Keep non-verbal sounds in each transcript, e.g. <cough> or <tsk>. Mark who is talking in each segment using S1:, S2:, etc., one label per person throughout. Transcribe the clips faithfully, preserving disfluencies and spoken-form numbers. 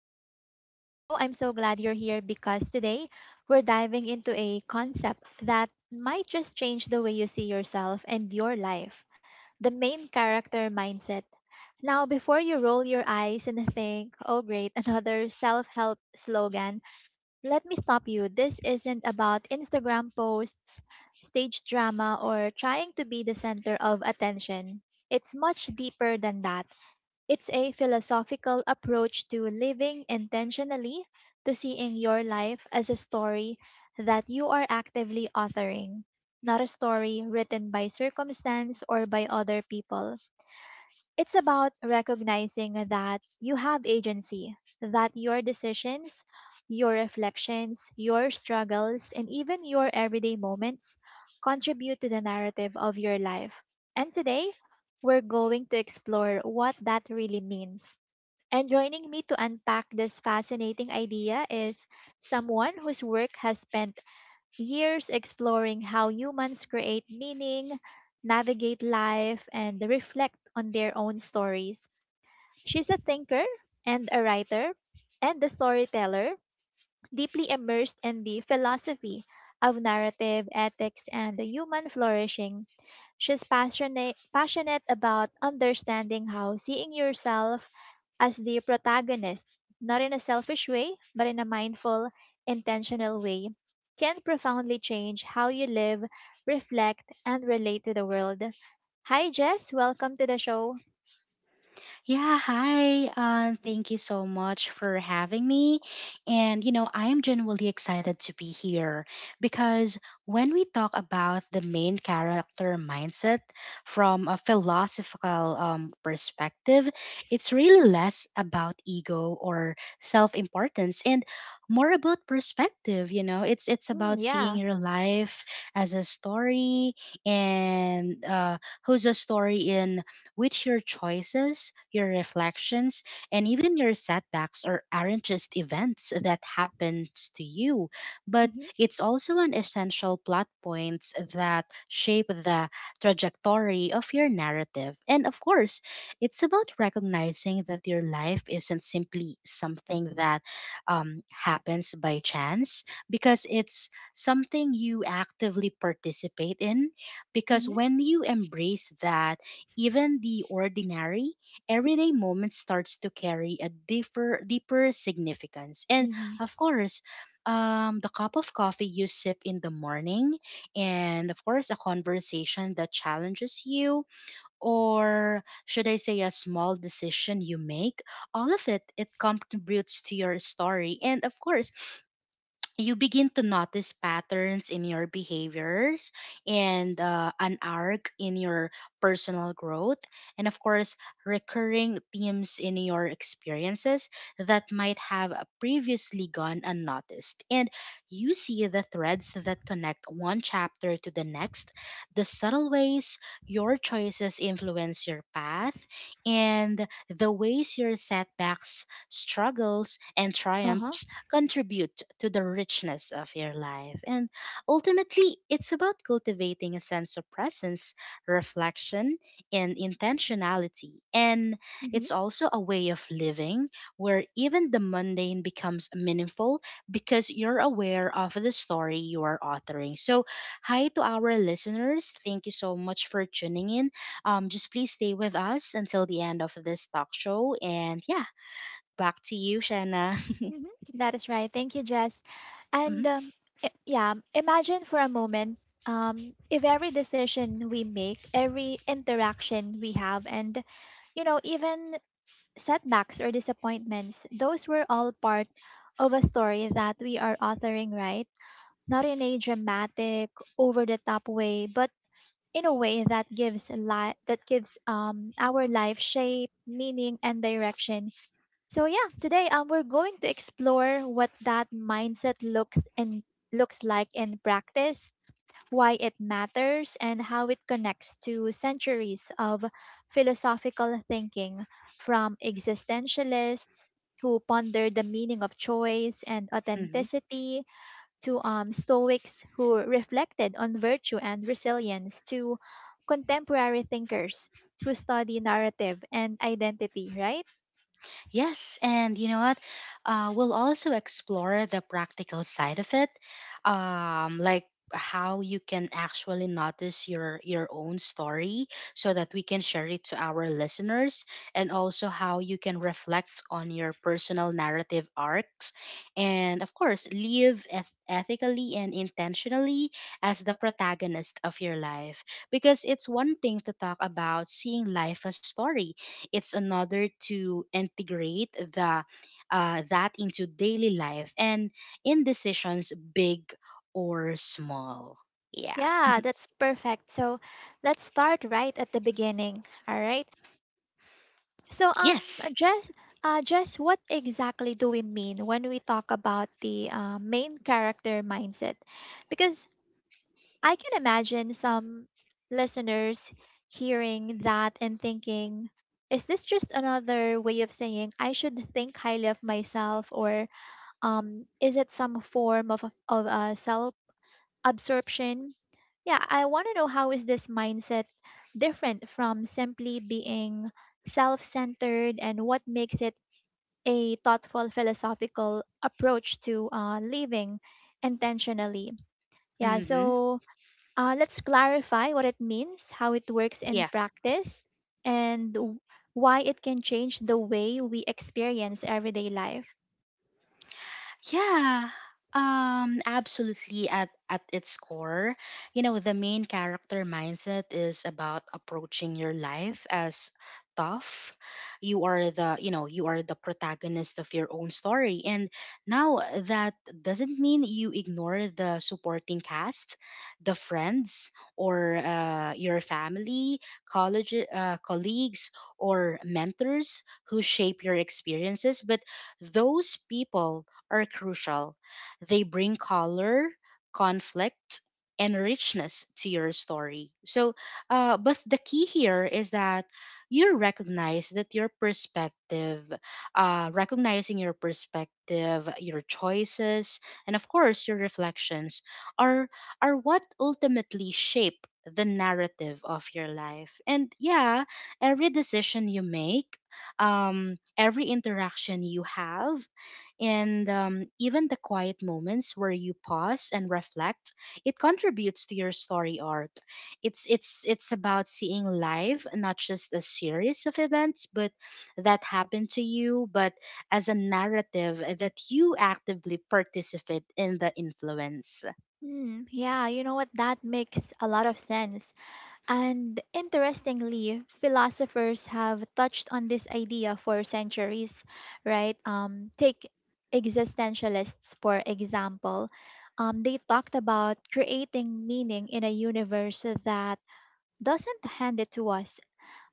S1: welcome back to the show. I'm so glad you're here because today we're diving into a concept that might just change the way you see yourself and your life, the main character mindset. Now, before you roll your eyes and think, oh great, <laughs> another self help slogan, let me stop you. This isn't about Instagram posts, stage drama, or trying to be the center of attention. It's much deeper than that. It's a philosophical approach to living intentionally, to seeing your life as a story that you are actively authoring, not a story written by circumstance or by other people. It's about recognizing that you have agency, that your decisions, your reflections, your struggles, and even your everyday moments contribute to the narrative of your life. And today, we're going to explore what that really means, and joining me to unpack this fascinating idea is someone whose work has spent years exploring how humans create meaning, navigate life, and reflect on their own stories. She's a thinker and a writer and a storyteller, deeply immersed in the philosophy of narrative, ethics, and the human flourishing. She's passionate, passionate about understanding how seeing yourself as the protagonist, not in a selfish way, but in a mindful, intentional way, can profoundly change how you live, reflect, and relate to the world. Hi, Jess. Welcome to the show.
S2: Yeah, hi. Um, thank you so much for having me. And, you know, I am genuinely excited to be here because when we talk about the main character mindset from a philosophical um, perspective, it's really less about ego or self importance and more about perspective. You know, it's, it's
S1: Hmm,
S2: about seeing
S1: yeah.
S2: your life as a story and uh, who's a story in which your choices, your reflections, and even your setbacks are, aren't just events that happens to you, but
S1: Mm-hmm,
S2: it's also an essential plot points that shape the trajectory of your narrative. And of course, it's about recognizing that your life isn't simply something that um, happens by chance because it's something you actively participate in because
S1: mm-hmm,
S2: when you embrace that even the ordinary, everyday moment starts to carry a deeper, deeper significance. And
S1: mm-hmm.
S2: of course, um, the cup of coffee you sip in the morning, and of course, a conversation that challenges you, or should I say, a small decision you make, all of it, it contributes to your story. And of course, you begin to notice patterns in your behaviors and uh, an arc in your personal growth, and of course recurring themes in your experiences that might have previously gone unnoticed, and you see the threads that connect one chapter to the next, the subtle ways your choices influence your path, and the ways your setbacks, struggles, and
S1: Uh-huh.
S2: triumphs contribute to the richness of your life. And ultimately, it's about cultivating a sense of presence, reflection, and intentionality. And
S1: Mm-hmm.
S2: it's also a way of living where even the mundane becomes meaningful because you're aware of the story you are authoring. So, hi to our listeners. Thank you so much for tuning in. Um, just please stay with us until the end of this talk show. And yeah, back to you, Shanna. <laughs>
S1: Mhm. That is right. Thank you, Jess. And
S2: Mhm,
S1: um, i- yeah, imagine for a moment um, if every decision we make, every interaction we have, and you know, even setbacks or disappointments, those were all part of a story that we are authoring, right? Not in a dramatic, over the top way, but in a way that gives life that gives um, our life shape, meaning, and direction. So yeah, today um, we're going to explore what that mindset looks and looks like in practice, why it matters, and how it connects to centuries of philosophical thinking, from existentialists who ponder the meaning of choice and
S2: mhm.
S1: authenticity to um, Stoics who reflected on virtue and resilience, to contemporary thinkers who study narrative and identity, right?
S2: Yes, and you know what? Uh, we'll also explore the practical side of it, um, like how you can actually notice your your own story, so that we can share it to our listeners, and also how you can reflect on your personal narrative arcs, and of course, live eth- ethically and intentionally as the protagonist of your life. Because it's one thing to talk about seeing life as story, it's another to integrate the uh, that into daily life and in decisions big or small, yeah,
S1: Yeah, that's perfect. So let's start right at the beginning. All right. So um,
S2: yes,
S1: Jess, uh, Jess, what exactly do we mean when we talk about the uh, main character mindset? Because I can imagine some listeners hearing that and thinking, is this just another way of saying I should think highly of myself, or um, is it some form of of uh, self absorption. Yeah, I want to know, how is this mindset different from simply being self-centered, and what makes it a thoughtful philosophical approach to uh, living intentionally. Yeah,
S2: mm-hmm,
S1: so uh, let's clarify what it means, how it works in
S2: yeah.
S1: practice, and w- why it can change the way we experience everyday life.
S2: Yeah, um, Absolutely. At at its core, you know, the main character mindset is about approaching your life as tough. You are the, you know, you are the protagonist of your own story, and now that doesn't mean you ignore the supporting cast, the friends, or uh, your family, college, uh, colleagues, or mentors who shape your experiences, but those people are crucial. They bring color, conflict, and richness to your story. So, uh, but the key here is that you recognize that your perspective, uh, recognizing your perspective, your choices, and of course your reflections are are what ultimately shape the narrative of your life. And yeah, every decision you make, um, every interaction you have, and um, even the quiet moments where you pause and reflect, it contributes to your story arc. It's it's it's about seeing life, not just a series of events, but that happened to you, but as a narrative that you actively participate in the influence.
S1: Hmm, yeah, you know what? That makes a lot of sense. And interestingly, philosophers have touched on this idea for centuries, right? Um, take existentialists, for example. Um, they talked about creating meaning in a universe that doesn't hand it to us.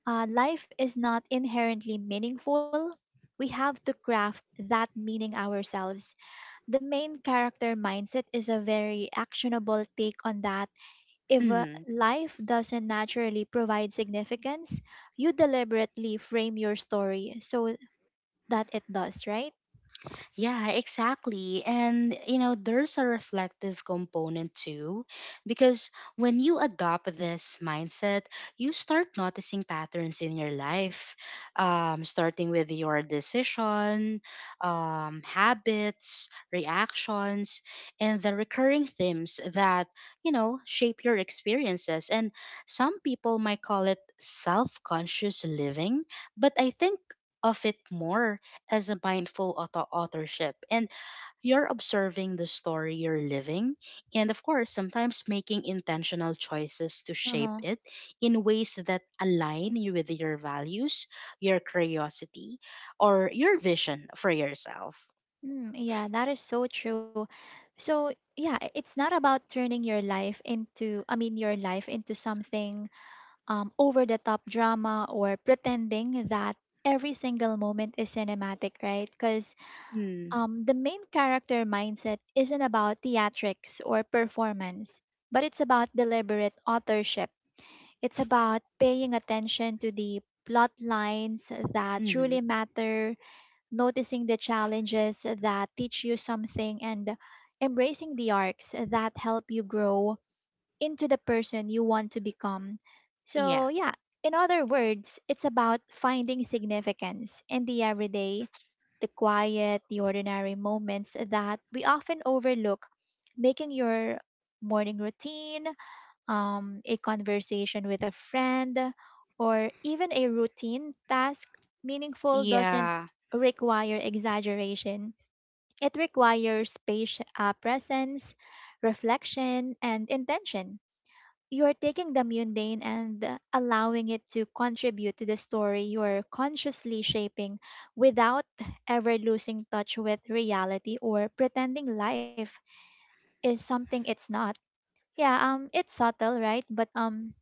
S1: Uh, life is not inherently meaningful. We have to craft that meaning ourselves. The main character mindset is a very actionable take on that. If uh,
S2: Mhm.
S1: life doesn't naturally provide significance, you deliberately frame your story so that it does, right?
S2: Yeah, exactly. And, you know, there's a reflective component too, because when you adopt this mindset, you start noticing patterns in your life, um, starting with your decision, um, habits, reactions, and the recurring themes that, you know, shape your experiences. And some people might call it self conscious living, but I think of it more as a mindful auto- authorship, and you're observing the story you're living, and of course sometimes making intentional choices to shape
S1: Uh-huh.
S2: it in ways that align you with your values, your curiosity, or your vision for yourself.
S1: Mm, yeah, that is so true. So, yeah, i- it's not about turning your life into, I mean, your life into something um, over the top drama or pretending that every single moment is cinematic, right? Because
S2: Mm,
S1: um, the main character mindset isn't about theatrics or performance, but it's about deliberate authorship. It's about paying attention to the plot lines that
S2: hmm,
S1: truly matter, noticing the challenges that teach you something, and embracing the arcs that help you grow into the person you want to become.
S2: yeah,
S1: So, yeah, in other words, it's about finding significance in the everyday, the quiet, the ordinary moments that we often overlook. Making your morning routine, um, a conversation with a friend, or even a routine task, meaningful doesn't
S2: yeah.
S1: require exaggeration. It requires patient, uh, presence, reflection, and intention. You're taking the mundane and uh, allowing it to contribute to the story you're consciously shaping, without ever losing touch with reality or pretending life is something it's not. Yeah, um, it's subtle, right? But um,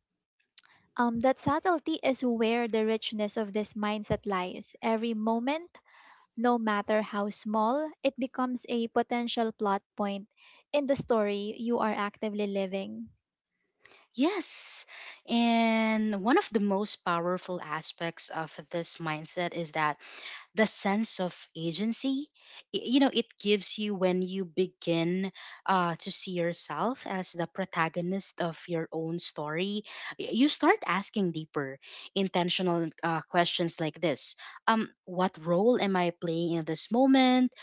S1: um, that subtlety is where the richness of this mindset lies. Every moment, no matter how small, it becomes a potential plot point in the story you are actively living.
S2: Yes. And one of the most powerful aspects of this mindset is that the sense of agency y- you know it gives you. When you begin uh, to see yourself as the protagonist of your own story, y- you start asking deeper, intentional uh, questions like this: um what role am I playing in this moment?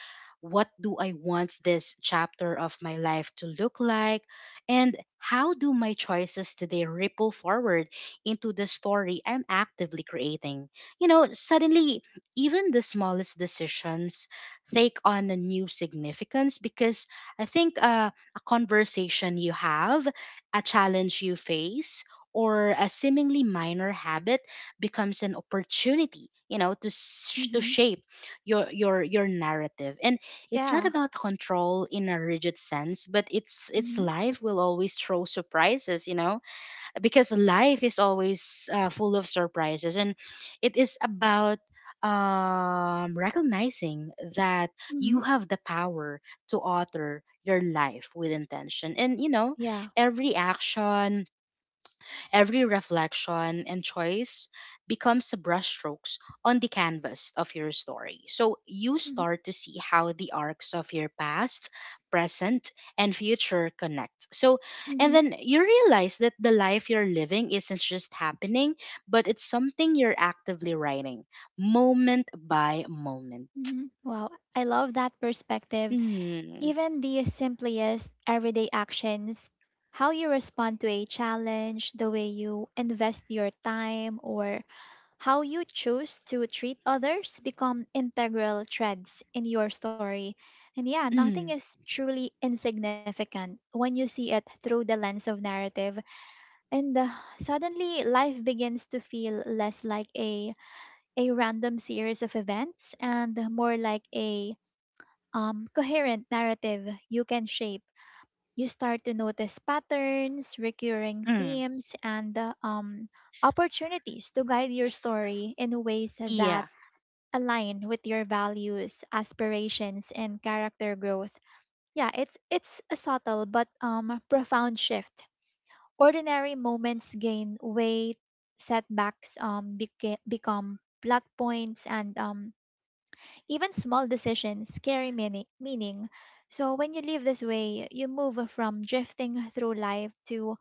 S2: What do I want this chapter of my life to look like? And how do my choices today ripple forward into the story I'm actively creating? You know, suddenly even the smallest decisions take on a new significance because I think uh, a conversation you have, a challenge you face, or a seemingly minor habit becomes an opportunity, you know, to s- to
S1: Mm-hmm.
S2: shape your your your narrative. And it's not
S1: Yeah.
S2: about control in a rigid sense, but it's it's
S1: Mm-hmm.
S2: life will always throw surprises, you know, because life is always uh, full of surprises, and it is about um, recognizing that
S1: Mm-hmm.
S2: you have the power to alter your life with intention. And you know,
S1: Yeah.
S2: every action, every reflection and choice becomes brushstrokes on the canvas of your story. So you
S1: Mm-hmm.
S2: start to see how the arcs of your past, present, and future connect. So, and
S1: Mm-hmm.
S2: then you realize that the life you're living isn't just happening, but it's something you're actively writing moment by moment.
S1: Mm-hmm. Wow. I love that perspective.
S2: Mm,
S1: Even the simplest everyday actions, how you respond to a challenge, the way you invest your time, or how you choose to treat others become integral threads in your story. And yeah, nothing
S2: mm,
S1: is truly insignificant when you see it through the lens of narrative. And uh, suddenly life begins to feel less like a a random series of events and more like a um, coherent narrative you can shape. You start to notice patterns, recurring
S2: mm.
S1: themes, and uh, um, opportunities to guide your story in ways
S2: Yeah.
S1: that align with your values, aspirations, and character growth. Yeah, it's it's a subtle but um profound shift. Ordinary moments gain weight, setbacks um beca- become plot points, and um even small decisions carry meaning. meaning. So when you live this way, you move from drifting through life to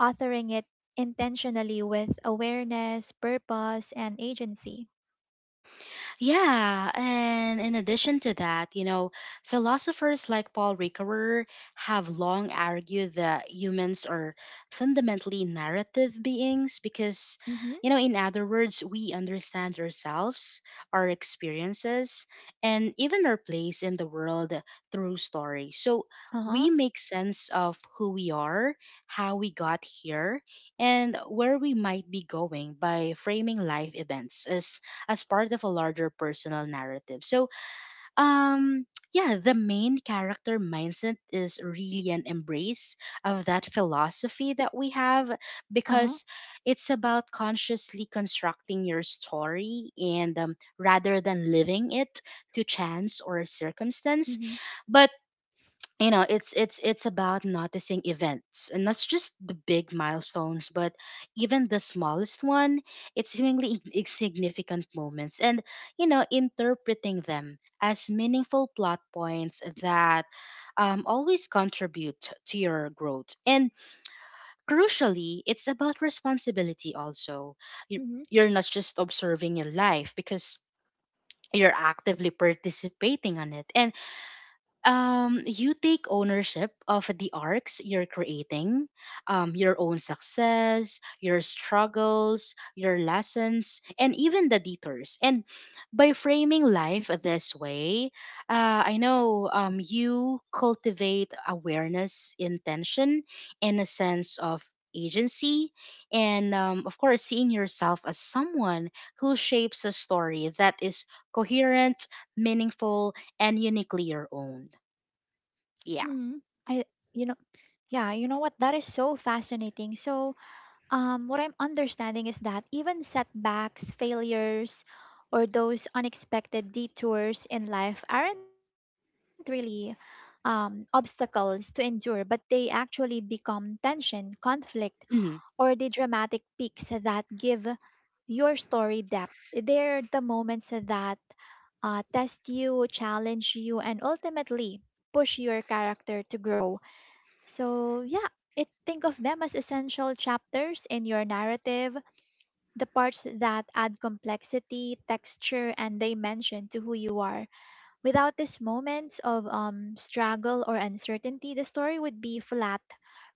S1: authoring it intentionally with awareness, purpose, and agency.
S2: Yeah, and in addition to that, you know, philosophers like Paul Ricoeur have long argued that humans are fundamentally narrative beings because,
S1: Mhm.
S2: you know, in other words, we understand ourselves, our experiences, and even our place in the world through story. So we
S1: Uh-huh.
S2: make sense of who we are, how we got here, and where we might be going by framing life events as as part of a larger personal narrative. So, um, yeah, the main character mindset is really an embrace of that philosophy that we have,
S1: Uh-huh.
S2: because it's about consciously constructing your story, and um, rather than living it to chance or circumstance.
S1: Mhm.
S2: But you know it's it's it's about noticing events, and not just the big milestones, but even the smallest one. It's seemingly in- insignificant moments, and you know, interpreting them as meaningful plot points that um, always contribute to your growth. And crucially, it's about responsibility also. you,
S1: Mm-hmm.
S2: you're not just observing your life because you're actively participating on it, and um, you take ownership of the arcs you're creating, um, your own success, your struggles, your lessons, and even the detours. And by framing life this way, uh, I know um, you cultivate awareness, intention, and a sense of agency. And um, of course, seeing yourself as someone who shapes a story that is coherent, meaningful, and uniquely your own.
S1: Mm-hmm.
S2: Yeah.
S1: I, you know, yeah, You know what? That is so fascinating. So, um, what I'm understanding is that even setbacks, failures, or those unexpected detours in life aren't really um, obstacles to endure, but they actually become tension, conflict,
S2: Hmm,
S1: or the dramatic peaks that give your story depth. They're the moments that uh, test you, challenge you, and ultimately push your character to grow. So, yeah, it, think of them as essential chapters in your narrative, the parts that add complexity, texture, and dimension to who you are. Without these moments of um, struggle or uncertainty, the story would be flat,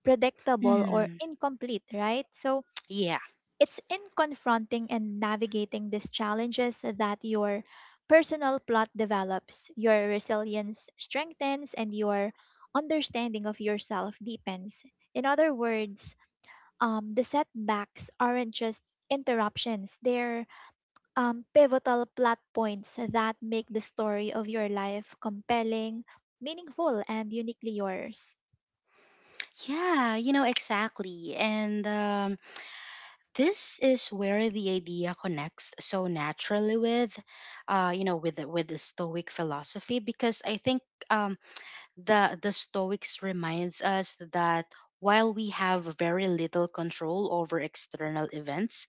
S1: predictable, or
S2: mm,
S1: incomplete, right? So,
S2: yeah.
S1: it's in confronting and navigating these challenges that your personal plot develops, your resilience strengthens, and your understanding of yourself deepens. In other words, um, the setbacks aren't just interruptions, they're um, pivotal plot points that make the story of your life compelling, meaningful, and uniquely yours.
S2: Yeah, you know, exactly. And um, this is where the idea connects so naturally with, uh, you know, with the, with the Stoic philosophy, because I think um, the the Stoics reminds us that while we have very little control over external events,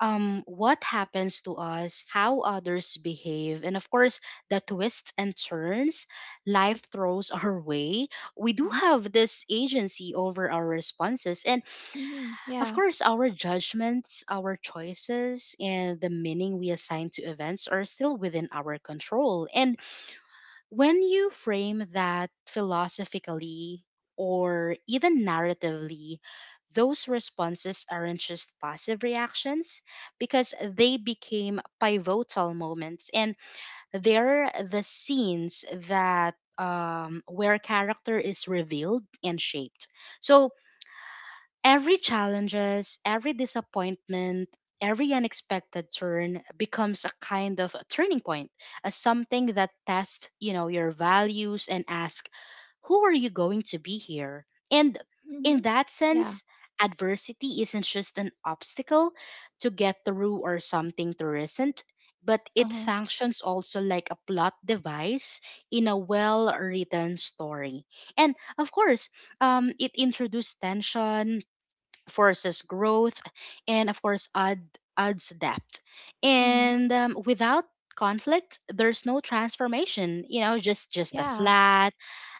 S2: um, what happens to us, how others behave, and of course the twists and turns life throws <laughs> our way. We do
S1: Uh-huh.
S2: have this agency over our responses, and
S1: Hmm.
S2: of
S1: Yeah.
S2: course our judgments, our choices, and the meaning we assign to events are still within our control. And when you frame that philosophically or even narratively, those responses aren't just passive reactions, because they became pivotal moments, and they're the scenes that um, where character is revealed and shaped. So every challenges, every disappointment, every unexpected turn becomes a kind of a turning point, a something that tests, you know, your values and ask, who are you going to be here? And in
S1: Hmm.
S2: that
S1: Yeah.
S2: sense, adversity isn't just an obstacle to get through or something to resent, but it
S1: Uh-huh.
S2: functions also like a plot device in a well written story. And of course, um, it introduces tension, forces growth, and of course add, adds depth.
S1: Hmm.
S2: And um, without conflict there's no transformation, you know, just just a
S1: Yeah.
S2: flat,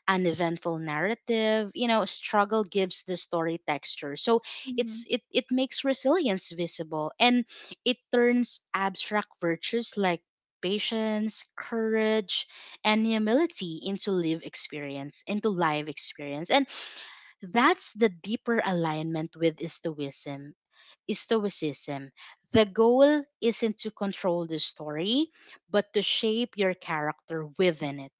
S2: uneventful narrative. You know, struggle gives the story texture. So
S1: Hmm.
S2: it's it, it makes resilience visible, and it turns abstract virtues like patience, courage, and humility into live experience into live experience and that's the deeper alignment with Stoicism. Stoicism. The goal isn't to control the story, but to shape your character within it.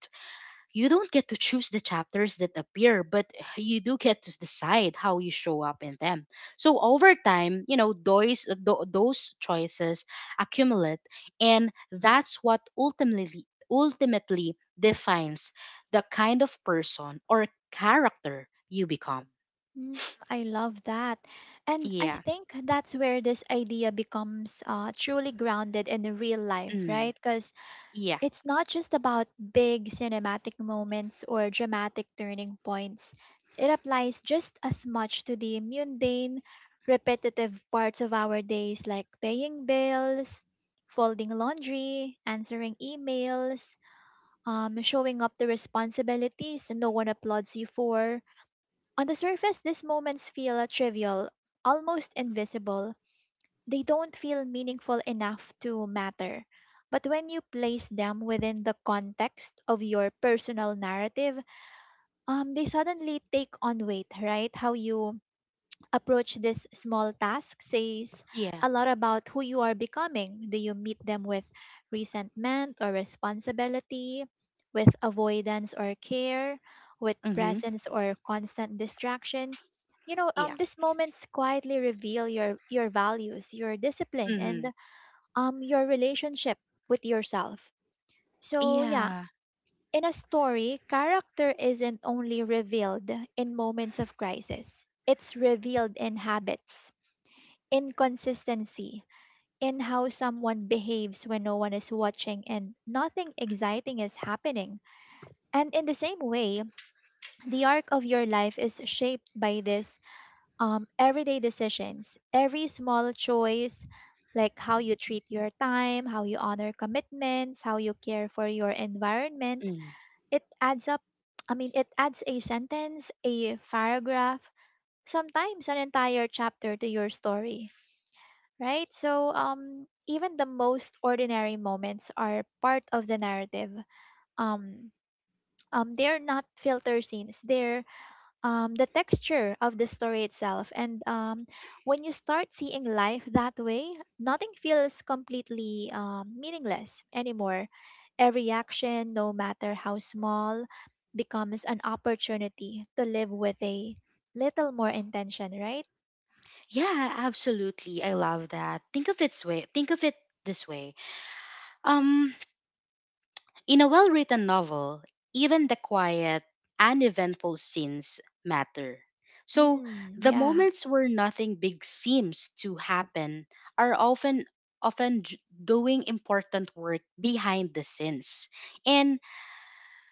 S2: You don't get to choose the chapters that appear, but you do get to decide how you show up in them. So over time, you know, those, tho- those choices accumulate, and that's what ultimately ultimately defines the kind of person or character you become.
S1: Mm, I love that. And I
S2: Yeah.
S1: think that's where this idea becomes uh, truly grounded in the real life,
S2: Mm.
S1: right? Because
S2: Yeah.
S1: it's not just about big cinematic moments or dramatic turning points. It applies just as much to the mundane, repetitive parts of our days, like paying bills, folding laundry, answering emails, um, showing up to responsibilities no one applauds you for. On the surface, these moments feel trivial, almost invisible. They don't feel meaningful enough to matter. But when you place them within the context of your personal narrative, um, they suddenly take on weight, right? How you approach this small task says
S2: Yeah.
S1: a lot about who you are becoming. Do you meet them with resentment or responsibility, with avoidance or care, with
S2: Mm-hmm.
S1: presence or constant distraction? You know,
S2: Yeah.
S1: um, these moments quietly reveal your your values, your discipline, and
S2: Mm-hmm.
S1: um, your relationship with yourself. So yeah,
S2: Yeah.
S1: in a story, character isn't only revealed in moments of crisis. It's revealed in habits, inconsistency, in how someone behaves when no one is watching and nothing exciting is happening. And in the same way, the arc of your life is shaped by this um, everyday decisions, every small choice, like how you treat your time, how you honor commitments, how you care for your environment.
S2: Mm.
S1: It adds up, I mean, it adds a sentence, a paragraph, sometimes an entire chapter to your story, right? So um, even the most ordinary moments are part of the narrative. Um, um, they're not filter scenes. They're um, the texture of the story itself. And um, when you start seeing life that way, nothing feels completely um, meaningless anymore. Every action, no matter how small, becomes an opportunity to live with a little more intention, right?
S2: Yeah, absolutely. I love that. Think of its way. Think of it this way. Um, in a well-written novel, even the quiet, uneventful scenes matter. So
S1: Mm,
S2: the
S1: yeah,
S2: moments where nothing big seems to happen are often often j- doing important work behind the scenes. And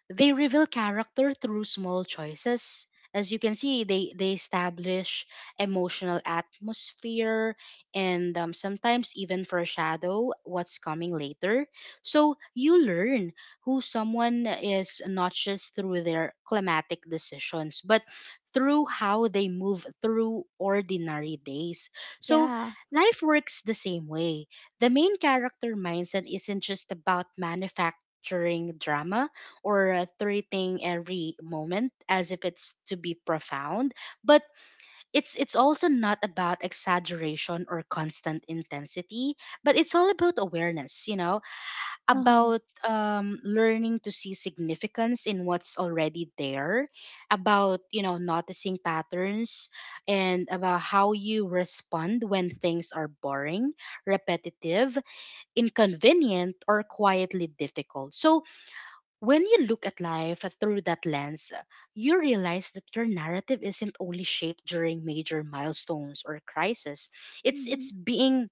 S2: they reveal character through small choices. As you can see, they, they establish emotional atmosphere and um, sometimes even foreshadow what's coming later. So you learn who someone is not just through their climatic decisions, but through how they move through ordinary days. So
S1: yeah.
S2: life works the same way. The main character mindset isn't just about manufacturing drama or uh, treating every moment as if it's to be profound, but it's it's also not about exaggeration or constant intensity, but it's all about awareness you know,
S1: Uh-huh.
S2: about um, learning to see significance in what's already there, about you know noticing patterns, and about how you respond when things are boring, repetitive, inconvenient or quietly difficult. So when you look at life through that lens, you realize that your narrative isn't only shaped during major milestones or crises. It's
S1: Mm-hmm.
S2: it's being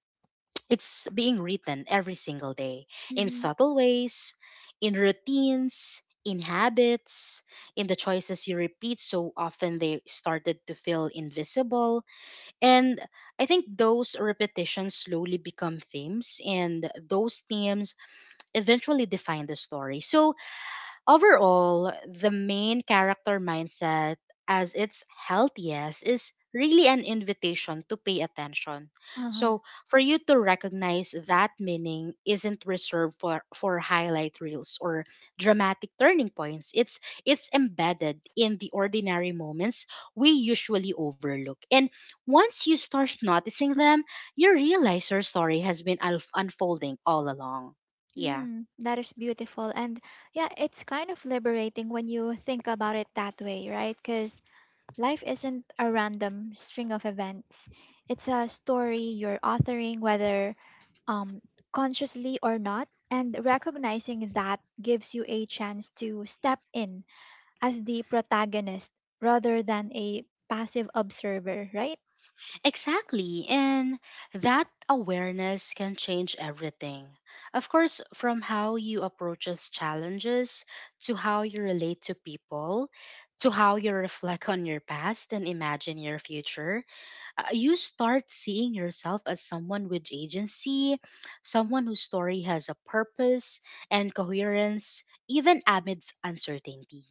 S2: it's being written every single day in
S1: Mhm.
S2: subtle ways, in routines, in habits, in the choices you repeat so often they started to feel invisible. And I think those repetitions slowly become themes and those themes eventually define the story. So overall, the main character mindset, as its healthiest, is really an invitation to pay attention.
S1: Uh-huh.
S2: So, for you to recognize that meaning isn't reserved for, for highlight reels or dramatic turning points. It's it's embedded in the ordinary moments we usually overlook. And once you start <laughs> noticing them, you realize your story has been unf- unfolding all along. Yeah.
S1: Mm, that is beautiful. And yeah, it's kind of liberating when you think about it that way, right? Because life isn't a random string of events. It's a story you're authoring, whether um, consciously or not. And recognizing that gives you a chance to step in as the protagonist rather than a passive observer, right?
S2: Exactly. And that awareness can change everything. Of course, from how you approaches challenges, to how you relate to people, to how you reflect on your past and imagine your future, uh, you start seeing yourself as someone with agency, someone whose story has a purpose and coherence, even amidst uncertainty.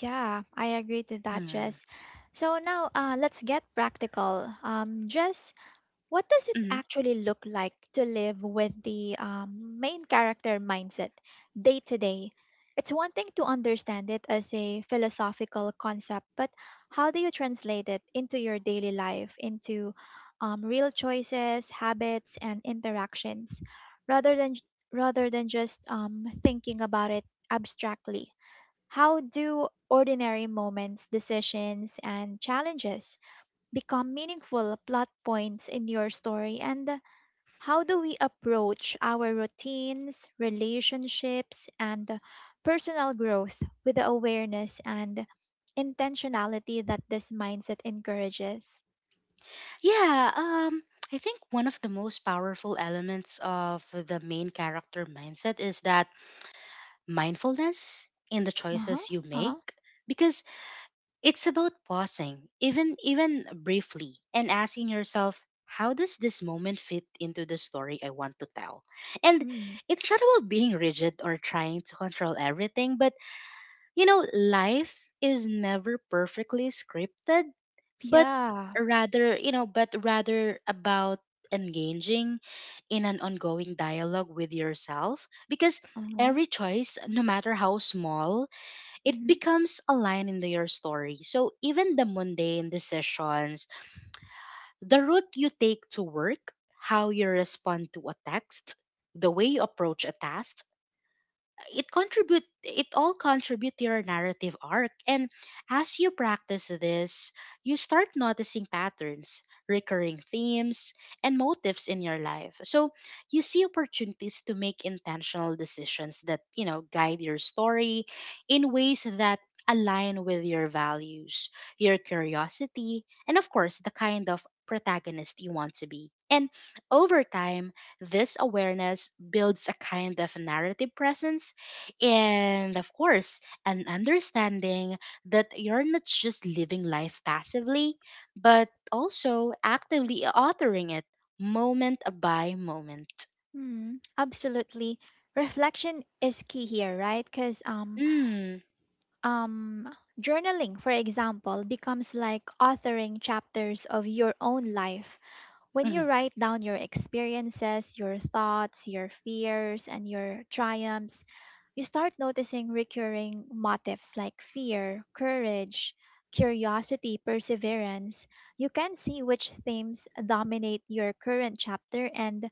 S1: Yeah, I agree to that,
S2: Mm.
S1: Jess. So now uh, let's get practical. Um, Jess, what does it actually look like to live with the um, main character mindset day to day? It's one thing to understand it as a philosophical concept, but how do you translate it into your daily life, into um, real choices, habits, and interactions, rather than rather than just um, thinking about it abstractly? How do ordinary moments, decisions, and challenges become meaningful plot points in your story, and how do we approach our routines, relationships, and personal growth with the awareness and intentionality that this mindset encourages?
S2: Yeah, um, I think one of the most powerful elements of the main character mindset is that mindfulness in the
S1: Uh-huh.
S2: choices you
S1: Uh-huh.
S2: make, because it's about pausing, even even briefly, and asking yourself, how does this moment fit into the story I want to tell? And
S1: Mm.
S2: it's not about being rigid or trying to control everything, but you know, life is never perfectly scripted, but
S1: Yeah.
S2: rather you know but rather about engaging in an ongoing dialogue with yourself, because
S1: Uh-huh.
S2: every choice, no matter how small, it
S1: Mm-hmm.
S2: becomes a line into your story. So even the mundane decisions, the route you take to work, how you respond to a text, the way you approach a task, it contribute it all contribute to your narrative arc. And as you practice this, you start noticing patterns, recurring themes, and motifs in your life. So you see opportunities to make intentional decisions that, you know, guide your story in ways that align with your values, your curiosity, and of course the kind of protagonist you want to be. And over time, this awareness builds a kind of narrative presence, and of course, an understanding that you're not just living life passively, but also actively authoring it, moment by moment.
S1: Mm. Absolutely. Reflection is key here, right? Because um
S2: Mm.
S1: um journaling, for example, becomes like authoring chapters of your own life. When you
S2: Mhm.
S1: write down your experiences, your thoughts, your fears, and your triumphs, you start noticing recurring motifs like fear, courage, curiosity, perseverance. You can see which themes dominate your current chapter and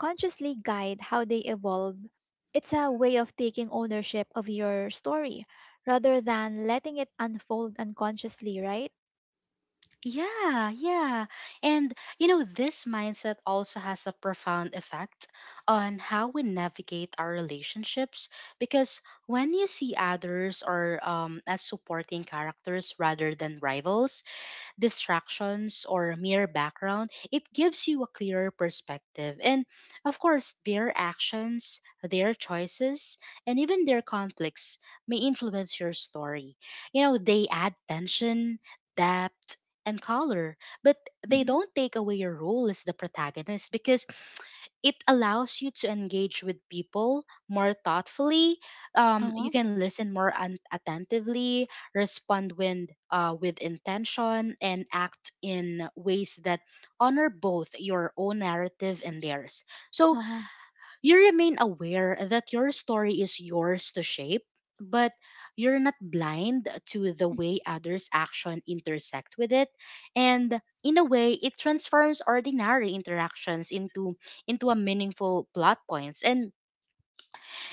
S1: consciously guide how they evolve. It's a way of taking ownership of your story rather than letting it unfold unconsciously, right?
S2: Yeah, yeah. And you know, this mindset also has a profound effect on how we navigate our relationships, because when you see others or um as supporting characters rather than rivals, distractions or mere background, it gives you a clearer perspective. And of course, their actions, their choices, and even their conflicts may influence your story. You know, they add tension, depth, and color, but they
S1: Mm-hmm.
S2: don't take away your role as the protagonist, because it allows you to engage with people more thoughtfully. Um, you
S1: Uh-huh.
S2: can listen more un- attentively, respond when, uh, with intention, and act in ways that honor both your own narrative and theirs. So
S1: Uh-huh.
S2: you remain aware that your story is yours to shape, but you're not blind to the way others' action intersect with it. And in a way, it transforms ordinary interactions into into a meaningful plot points. And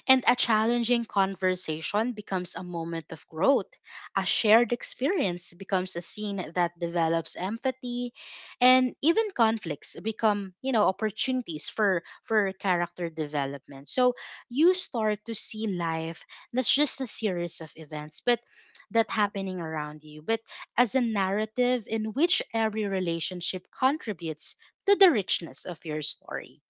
S2: and a challenging conversation becomes a moment of growth. A shared experience becomes a scene that develops empathy, and even conflicts become, you know, opportunities for for character development. So you start to see life that's just a series of events, but that happening around you, but as a narrative in which every relationship contributes to the richness of your story.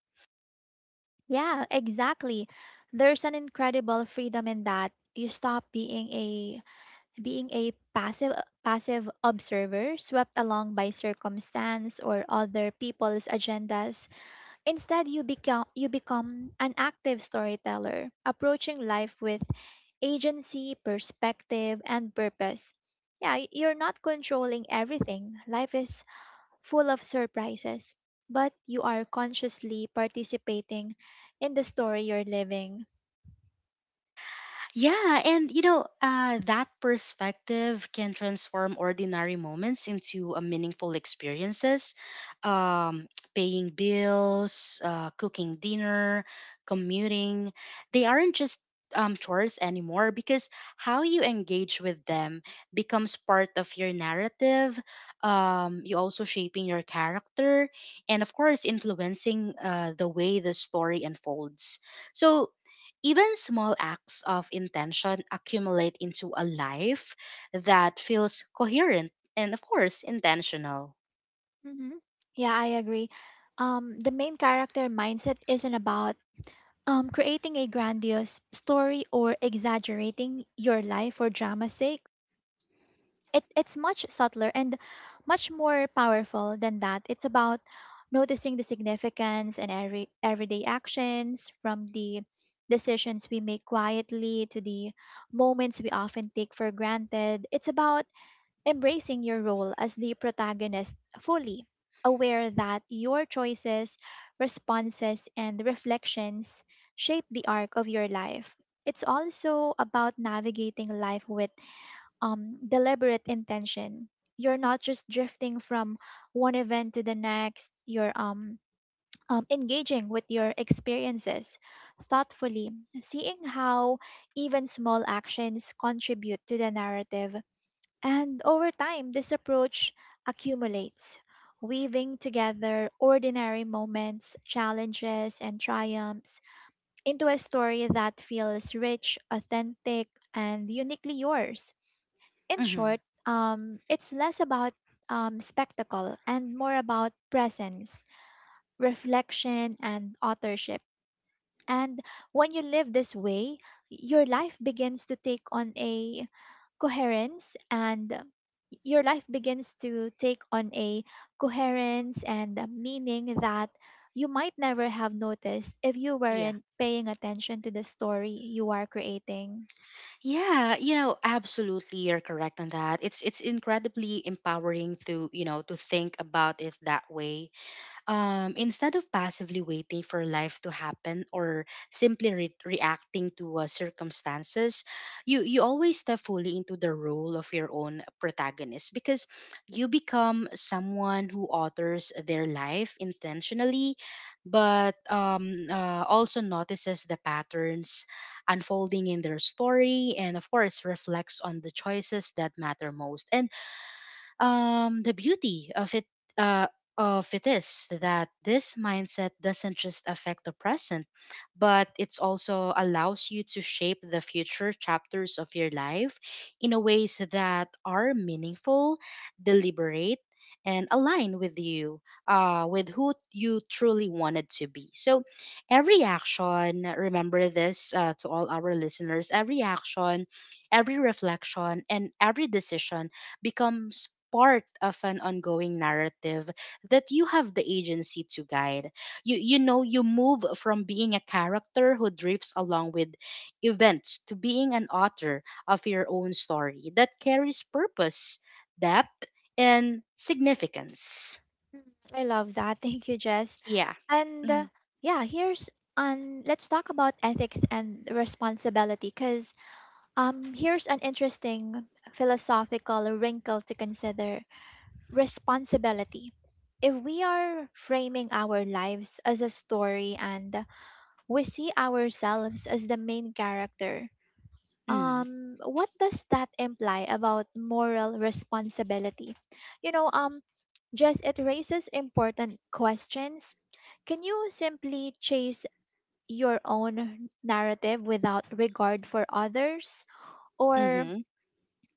S1: Yeah, exactly. There's an incredible freedom in that. You stop being a being a passive passive observer swept along by circumstance or other people's agendas. Instead, you become you become an active storyteller, approaching life with agency, perspective, and purpose. Yeah, y- you're not controlling everything. Life is full of surprises, but you are consciously participating in the story you're living.
S2: Yeah, and you know, uh, that perspective can transform ordinary moments into a meaningful experiences. Um, <tsk> paying bills, uh, cooking dinner, commuting, they aren't just um, chores anymore, because how you engage with them becomes part of your narrative. Um, you also shaping your character, and of course, influencing uh, the way the story unfolds. So even small acts of intention accumulate into a life that feels coherent and, of course, intentional.
S1: Hmm. Yeah, I agree. Um, the main character mindset isn't about um, creating a grandiose story or exaggerating your life for drama's sake. It it's much subtler and much more powerful than that. It's about noticing the significance in every everyday actions, from the decisions we make quietly to the moments we often take for granted. It's about embracing your role as the protagonist fully, aware that your choices, responses, and reflections shape the arc of your life. It's also about navigating life with um, deliberate intention. You're not just drifting from one event to the next. You're um, um, engaging with your experiences thoughtfully, seeing how even small actions contribute to the narrative. And over time, this approach accumulates, weaving together ordinary moments, challenges, and triumphs into a story that feels rich, authentic, and uniquely yours. In
S2: Hmm.
S1: short, um, it's less about um, spectacle and more about presence, reflection, and authorship. And when you live this way, your life begins to take on a coherence and your life begins to take on a coherence and a meaning that you might never have noticed if you
S2: Yeah.
S1: weren't paying attention to the story you are creating.
S2: Yeah, you know, absolutely you're correct on that. It's it's incredibly empowering to, you know, to think about it that way, um, instead of passively waiting for life to happen or simply re- reacting to uh, circumstances. You you always step fully into the role of your own protagonist, because you become someone who authors their life intentionally, but um, uh, also notices the patterns unfolding in their story, and of course reflects on the choices that matter most. And um, the beauty of it, uh, of it is that this mindset doesn't just affect the present, but it also allows you to shape the future chapters of your life in a ways that are meaningful, deliberate, and align with you, uh, with who you truly wanted to be. So, every action, remember this, uh, to all our listeners, every action, every reflection, and every decision becomes part of an ongoing narrative that you have the agency to guide. You you know you move from being a character who drifts along with events to being an author of your own story that carries purpose, depth, and significance.
S1: Mm, I love that. <laughs> Thank you, Jess.
S2: Yeah.
S1: And
S2: Mm-hmm.
S1: uh, yeah, here's um let's talk about ethics and responsibility, because um here's an interesting philosophical wrinkle to consider. Responsibility. If we are framing our lives as a story, and we see ourselves as the main character, um what does that imply about moral responsibility? You know, um just it raises important questions. Can you simply chase your own narrative without regard for others? Or
S2: Mm-hmm.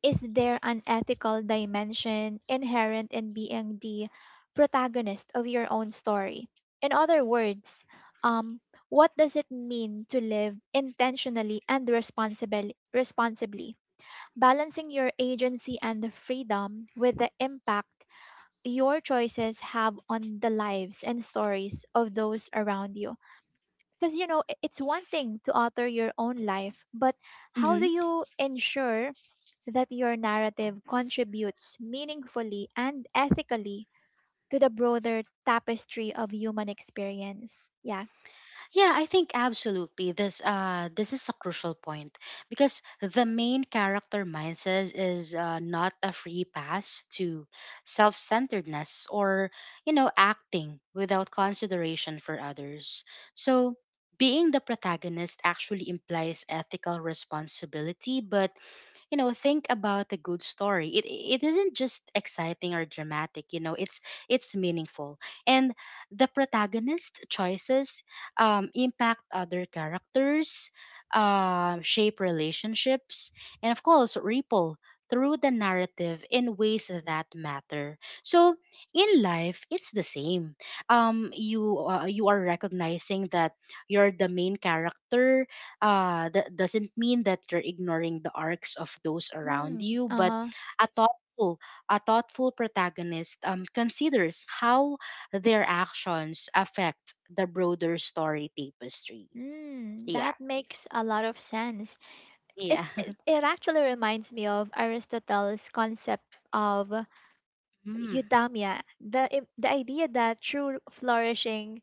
S1: is there an ethical dimension inherent in being the protagonist of your own story? In other words, um, what does it mean to live intentionally and responsibly, responsibly, balancing your agency and freedom with the impact your choices have on the lives and stories of those around you? Because, you know, i- it's one thing to author your own life, but how do
S2: Mm-hmm.
S1: you ensure that your narrative contributes meaningfully and ethically to the broader tapestry of human experience? Yeah.
S2: Yeah, I think absolutely this, uh this is a crucial point, because the main character mindset is, uh, not a free pass to self-centeredness or, you know, acting without consideration for others. So being the protagonist actually implies ethical responsibility, but you know, think about a good story, it it isn't just exciting or dramatic, you know, it's it's meaningful. And the protagonist choices, um, impact other characters, uh, shape relationships, and of course ripple through the narrative in ways that matter. So in life it's the same. um you, uh, you are recognizing that you're the main character, uh that doesn't mean that you're ignoring the arcs of those around
S1: Mm,
S2: you, but
S1: uh-huh.
S2: a thoughtful a thoughtful protagonist um, considers how their actions affect the broader story tapestry.
S1: Mm,
S2: Yeah.
S1: that makes a lot of sense. It,
S2: Yeah.
S1: it
S2: <laughs>
S1: it actually reminds me of Aristotle's concept of
S2: Mm.
S1: Eudaimonia, the, im- the idea that true flourishing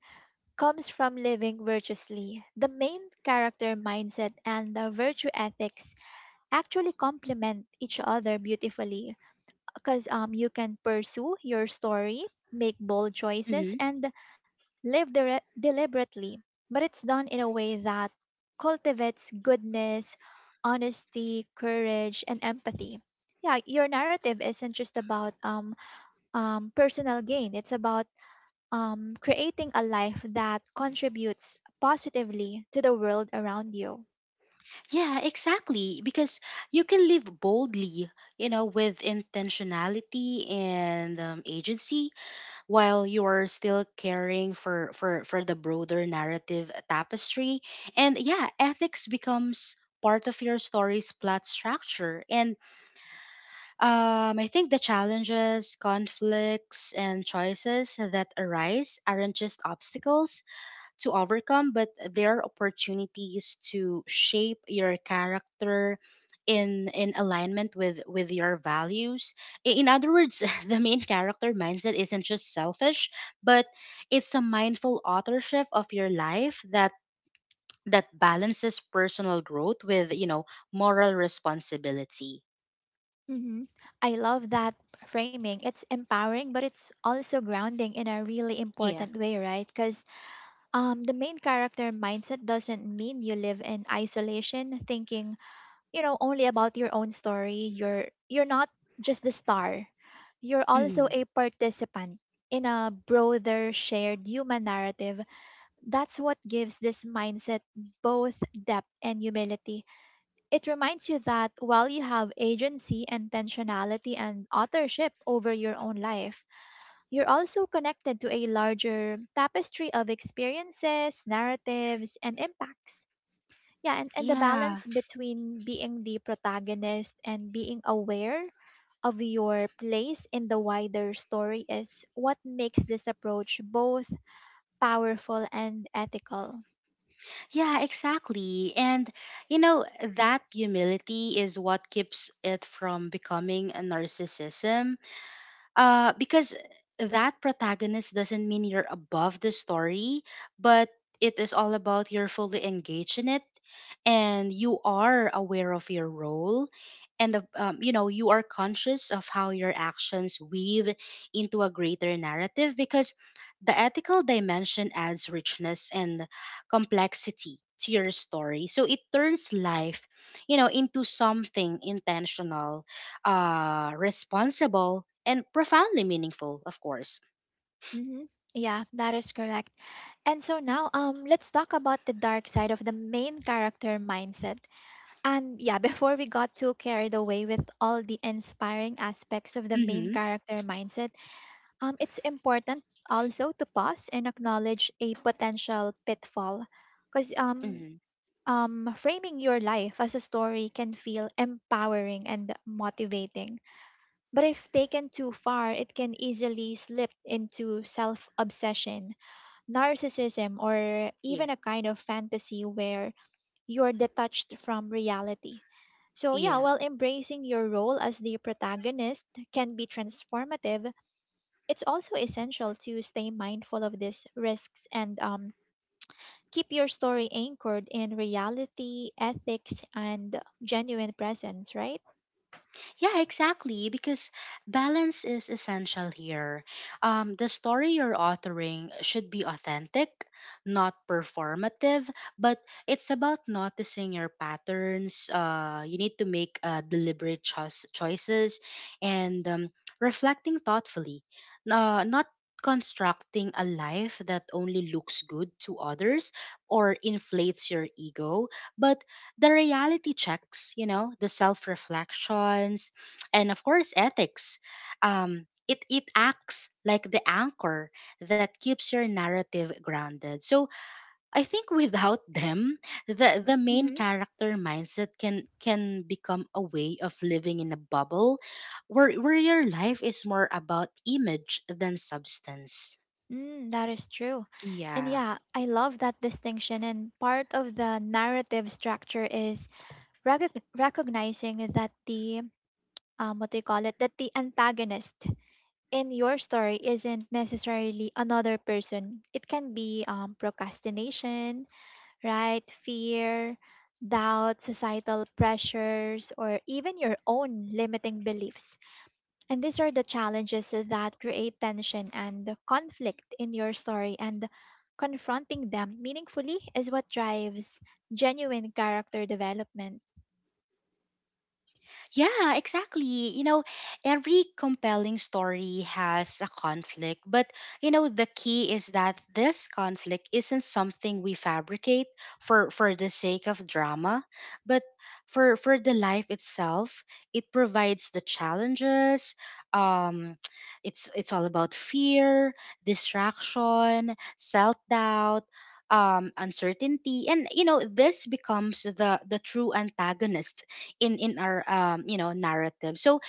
S1: comes from living virtuously. The main character mindset and the virtue ethics actually complement each other beautifully, because um, you can pursue your story, make bold choices,
S2: Hmm.
S1: and live dire- deliberately. But it's done in a way that cultivates goodness, honesty, courage, and empathy. Yeah, your narrative isn't just about um, um, personal gain. It's about um, creating a life that contributes positively to the world around you.
S2: Yeah, exactly. Because you can live boldly, you know, with intentionality and um, agency, while you are still caring for for for the broader narrative tapestry. And yeah, ethics becomes part of your story's plot structure. And um, I think the challenges, conflicts and choices that arise aren't just obstacles to overcome, but there are opportunities to shape your character in in alignment with with your values. I- In other words, <laughs> the main character mindset isn't just selfish, but it's a mindful authorship of your life that that balances personal growth with, you know, moral responsibility.
S1: Hmm. I love that framing. It's empowering, but it's also grounding in a really
S2: Yeah.
S1: important way, right? Because um, the main character mindset doesn't mean you live in isolation, thinking, you know, only about your own story. You're you're not just the star. You're also
S2: Mhm.
S1: a participant in a broader, shared human narrative. That's what gives this mindset both depth and humility. It reminds you that while you have agency, intentionality, and authorship over your own life, you're also connected to a larger tapestry of experiences, narratives, and impacts. Yeah, and, and the
S2: Yeah.
S1: balance between being the protagonist and being aware of your place in the wider story is what makes this approach both powerful and ethical.
S2: Yeah, exactly. And you know, that humility is what keeps it from becoming a narcissism, uh, because that protagonist doesn't mean you're above the story, but it is all about you're fully engaged in it, and you are aware of your role, and of, um, you know, you are conscious of how your actions weave into a greater narrative, because the ethical dimension adds richness and complexity to your story. So it turns life, you know, into something intentional, uh, responsible, and profoundly meaningful, of course.
S1: Hmm. Yeah, that is correct. And so now, um, let's talk about the dark side of the main character mindset. And yeah, <laughs> before we got too carried away with all the inspiring aspects of the main
S2: Mm-hmm.
S1: character mindset, um, it's important also to pause and acknowledge a potential pitfall, because um,
S2: Mm-hmm.
S1: um, framing your life as a story can feel empowering and motivating, but if taken too far, it can easily slip into self-obsession, narcissism, or
S2: Yeah.
S1: even a kind of fantasy where you're detached from reality. So, yeah,
S2: Yeah.
S1: while embracing your role as the protagonist can be transformative, it's also essential to stay mindful of these risks and um, keep your story anchored in reality, ethics, and genuine presence, right?
S2: Yeah, exactly. Because balance is essential here. Um, the story you're authoring should be authentic, not performative, but it's about noticing your patterns. Uh, you need to make uh, deliberate choice choices, and um, reflecting thoughtfully, uh, not constructing a life that only looks good to others or inflates your ego, but the reality checks, you know, the self reflections, and of course, ethics. Um, it, it acts like the anchor that keeps your narrative grounded. So I think without <laughs> them, the, the main
S1: Mm-hmm.
S2: character mindset can can become a way of living in a bubble where where your life is more about image than substance.
S1: Mm, that is true. And
S2: Yeah.
S1: yeah, I love that distinction. And part of the narrative structure is recog- recognizing that the um, what do you call it that the antagonist in your story isn't necessarily another person. It can be um, procrastination, right, fear, doubt, societal pressures, or even your own limiting beliefs, and these are the challenges that create tension and conflict in your story, and confronting them meaningfully is what drives genuine character development.
S2: Yeah, exactly. You know, every compelling story has a conflict, but you know, the key is that this conflict isn't something we fabricate for for the sake of drama, but for for the life itself, it provides the challenges. Um <tsk> it's it's all about fear, distraction, self-doubt, um uncertainty, and you know this becomes the the true antagonist in in our um you know narrative. So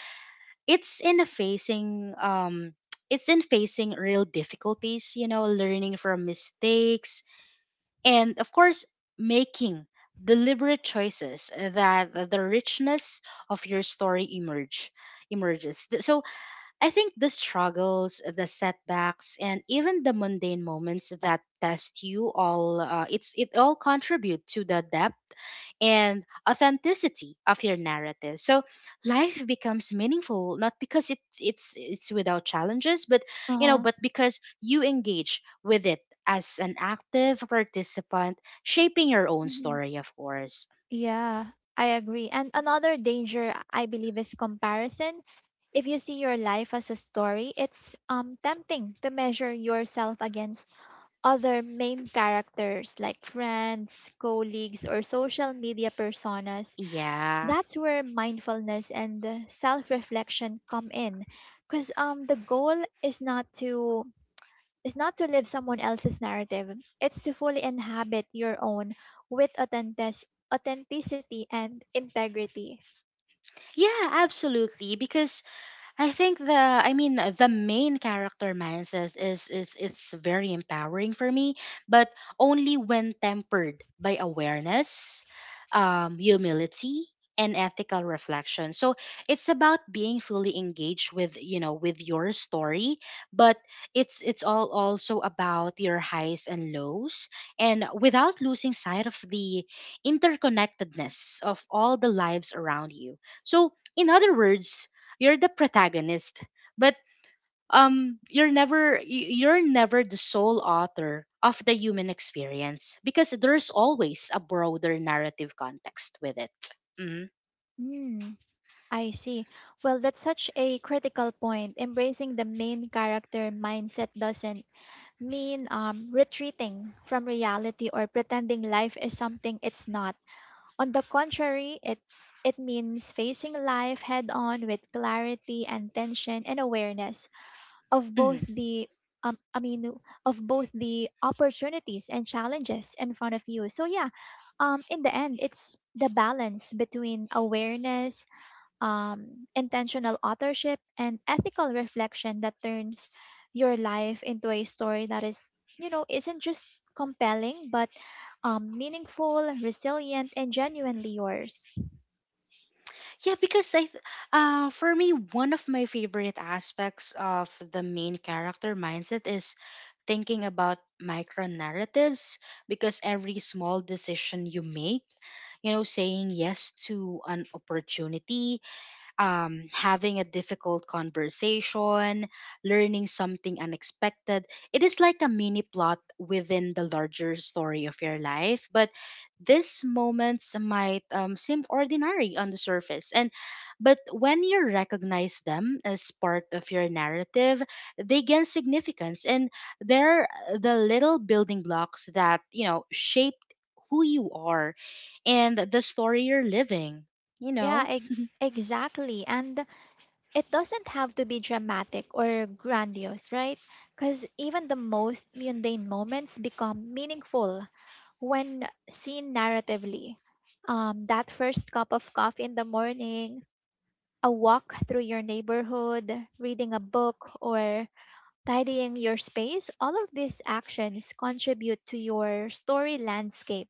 S2: it's in a facing um <tsk> it's in facing real difficulties, you know learning from mistakes, and of course making deliberate choices, that the richness of your story emerge emerges. Th- so I think the struggles, the setbacks, and even the mundane moments that test you all, uh, it's it all contribute to the depth and authenticity of your narrative. So life becomes meaningful not because it, it's it's without challenges, but you know,
S1: Uh-huh.
S2: but because you engage with it as an active participant, shaping your own story, of course.
S1: Yeah, I agree. And another danger I believe is comparison. If you see your life as a story, it's um tempting to measure yourself against other main characters like friends, colleagues, or social media personas.
S2: Yeah.
S1: That's where mindfulness and self-reflection come in. Because um the goal is not to is not to live someone else's narrative, it's to fully inhabit your own with authentic- authenticity and integrity.
S2: Yeah, absolutely. Because I think the I mean the main character Maya is is it's it's very empowering for me, but only when tempered by awareness, um, humility, and ethical reflection. So it's about being fully engaged with you know with your story, but it's it's all also about your highs and lows, and without losing sight of the interconnectedness of all the lives around you. So in other words, you're the protagonist, but um you're never y- you're never the sole author of the human experience, because there's always a broader narrative context with it. Mhm.
S1: Hmm, I see. Well, that's such a critical point. Embracing the main character mindset doesn't mean um, retreating from reality or pretending life is something it's not. On the contrary, it's, it means facing life head on with clarity and tension and awareness of both
S2: Mhm.
S1: the um, I mean of both the opportunities and challenges in front of you. So yeah, um, in the end, it's the balance between awareness, um, intentional authorship, and ethical reflection that turns your life into a story that is, you know, isn't just compelling but um, meaningful, resilient, and genuinely yours.
S2: Yeah, because I, th- uh, for me, one of my favorite aspects of the main character mindset is thinking about micro narratives, because every small decision you make, you know, saying yes to an opportunity, um, having a difficult conversation, learning something unexpected. It is like a mini plot within the larger story of your life, but these moments might um, seem ordinary on the surface. And but when you recognize them as part of your narrative, they gain significance, and they're the little building blocks that you know shape who you are and the story you're living. You know.
S1: Yeah, e- exactly. And it doesn't have to be dramatic or grandiose, right? Because even the most mundane moments become meaningful when seen narratively. Um, that first cup of coffee in the morning, a walk through your neighborhood, reading a book, or tidying your space, all of these actions contribute to your story landscape.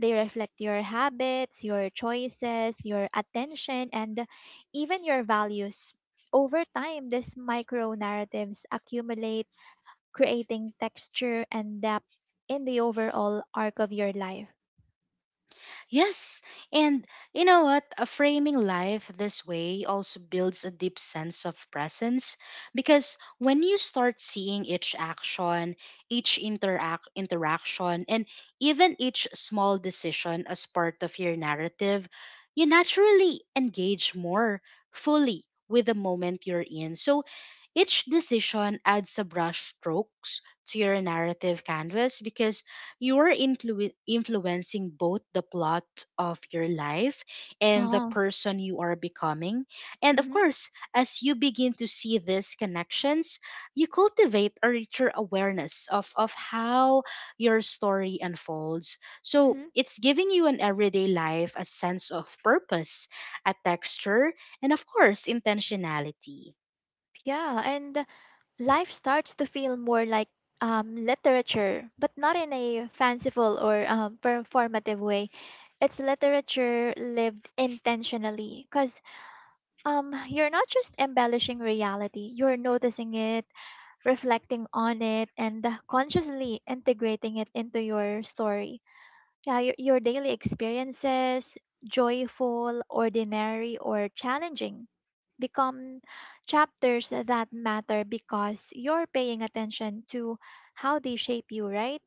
S1: They reflect your habits, your choices, your attention, and even your values. Over time, these micro narratives accumulate, creating texture and depth in the overall arc of your life.
S2: Yes, and you know what? A framing life this way also builds a deep sense of presence, because when you start seeing each action, each interact interaction, and even each small decision as part of your narrative, you naturally engage more fully with the moment you're in. So each decision adds a brush strokes to your narrative canvas, because you are influ- influencing both the plot of your life and the
S1: Oh,
S2: person you are becoming. And of
S1: mm-hmm,
S2: course, as you begin to see these connections, you cultivate a richer awareness of, of how your story unfolds. So
S1: mm-hmm.
S2: it's giving you an everyday life a sense of purpose, a texture, and of course, intentionality.
S1: Yeah, and life starts to feel more like um, literature, but not in a fanciful or um, performative way. It's literature lived intentionally, because um, you're not just embellishing reality, you're noticing it, reflecting on it, and consciously integrating it into your story. Yeah, your, your daily experiences, joyful, ordinary, or challenging, become chapters that matter because you're paying attention to how they shape you, right?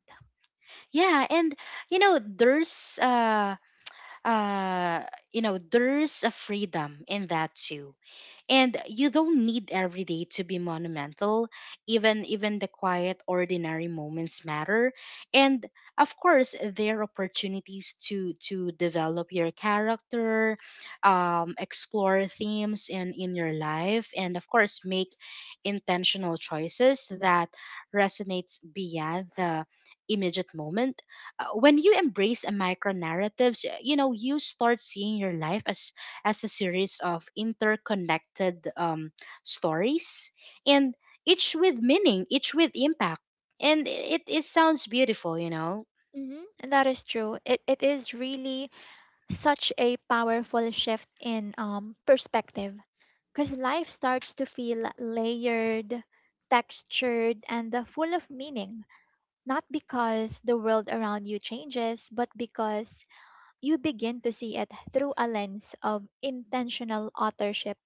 S2: Yeah, and you know, there's uh uh, you know, there's a freedom in that too, and you don't need every day to be monumental. Even even the quiet ordinary moments matter, and of course there are opportunities to to develop your character, um, explore themes in in your life, and of course make intentional choices that resonates beyond the immediate moment. Uh, when you embrace a micro narratives, you know you start seeing your life as as a series of interconnected um, stories, and each with meaning, each with impact. And it, it sounds beautiful, you know?
S1: Mm-hmm. And that is true. It, it is really such a powerful shift in um, perspective, because life starts to feel layered, textured, and uh, full of meaning. Not because the world around you changes, but because you begin to see it through a lens of intentional authorship.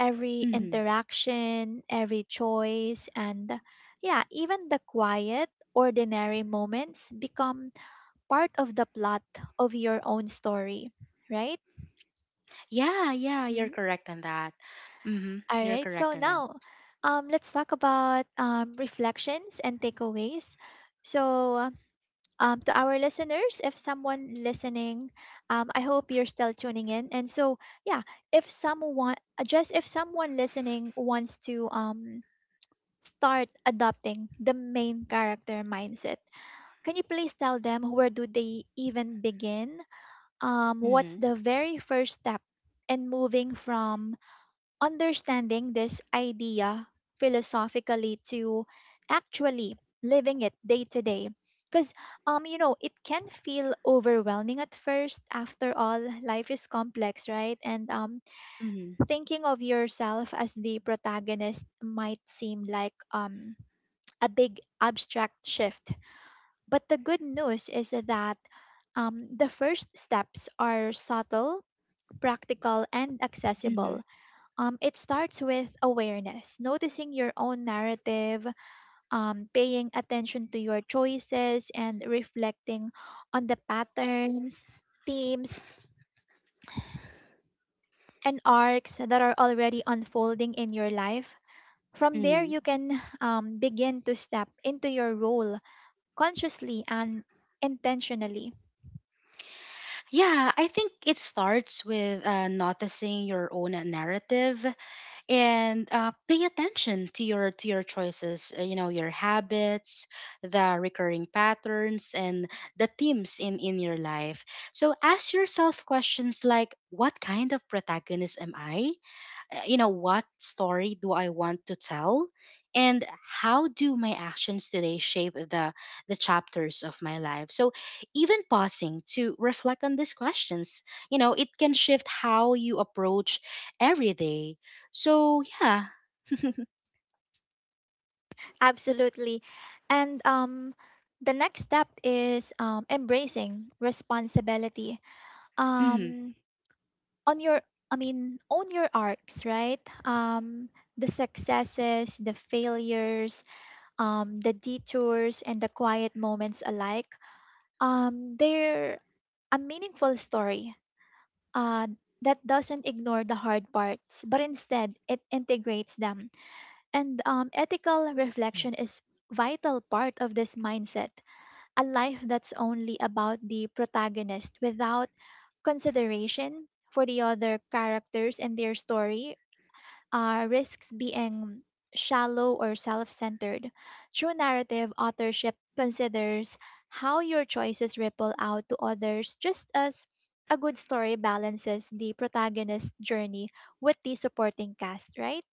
S1: Every
S2: Mhm.
S1: interaction, every choice, and yeah, even the quiet, ordinary moments become part of the plot of your own story, right?
S2: Yeah, yeah, you're
S1: Hmm.
S2: correct on that. Mm-hmm.
S1: All
S2: You're
S1: right, so
S2: correct on that.
S1: now um, let's talk about um, reflections and takeaways. So, um, to our listeners, if someone listening, um, I hope you're still tuning in. And so, yeah, if someone, uh, just if someone listening wants to um, start adopting the main character mindset, can you please tell them where do they even begin? Um, what's
S2: Mm-hmm.
S1: the very first step in moving from understanding this idea philosophically to actually living it day to day? Because um you know, it can feel overwhelming at first. After all, life is complex, right? And um
S2: Mm-hmm.
S1: thinking of yourself as the protagonist might seem like um a big abstract shift, but the good news is that um, the first steps are subtle, practical, and
S2: Mm-hmm.
S1: accessible. Um, it starts with awareness, noticing your own narrative, um, paying attention to your choices, and reflecting on the patterns, themes, and arcs that are already unfolding in your life. From there,
S2: Mm-hmm.
S1: you can um, begin to step into your role consciously and intentionally.
S2: Yeah, I think it starts with uh, noticing your own narrative. And uh, pay attention to your to your choices, uh, you know your habits, the recurring patterns, and the themes in in your life. So ask yourself questions like, what kind of protagonist am I? Uh, you know, what story do I want to tell, and how do my actions today shape the the chapters of my life? So even pausing to reflect on these questions, you know it can shift how you approach every day. So yeah. <laughs>
S1: Absolutely. And um, the next step is um, embracing responsibility.
S2: Mhm.
S1: Um, on your, I mean, Own your arcs, right? Um, the successes, the failures, um, the detours, and the quiet moments alike. Um, they're a meaningful story uh, that doesn't ignore the hard parts, but instead it integrates them. And um, Ethical reflection is vital part of this mindset. A life that's only about the protagonist without consideration for the other characters and their story uh, risks being shallow or self centered. True narrative authorship considers how your choices ripple out to others, just as a good story balances the protagonist's journey with the supporting cast, right?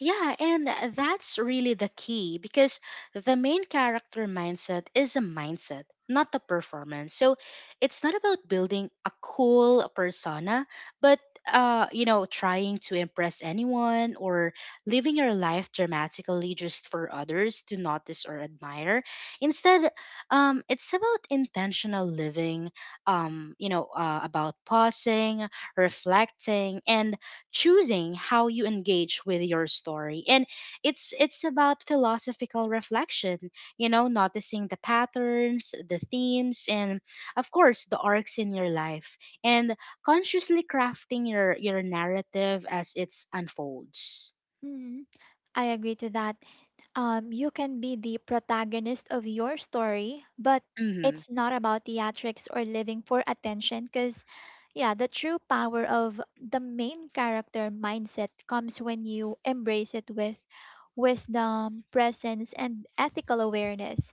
S2: Yeah, and that's really the key, because the main character mindset is a mindset, not a performance. So it's not about building a cool persona, but uh, you know, trying to impress anyone, or living your life dramatically just for others to notice or admire. Instead, um, it's about intentional living, um, you know, uh, about pausing, reflecting, and choosing how you engage with your story. And it's it's about philosophical reflection, you know noticing the patterns, the themes, and of course the arcs in your life, and consciously crafting your your narrative as it unfolds.
S1: Mhm. I agree to that. Um, you can be the protagonist of your story, but
S2: Mhm.
S1: it's not about theatrics or living for attention because, yeah, the true power of the main character mindset comes when you embrace it with wisdom, presence, and ethical awareness.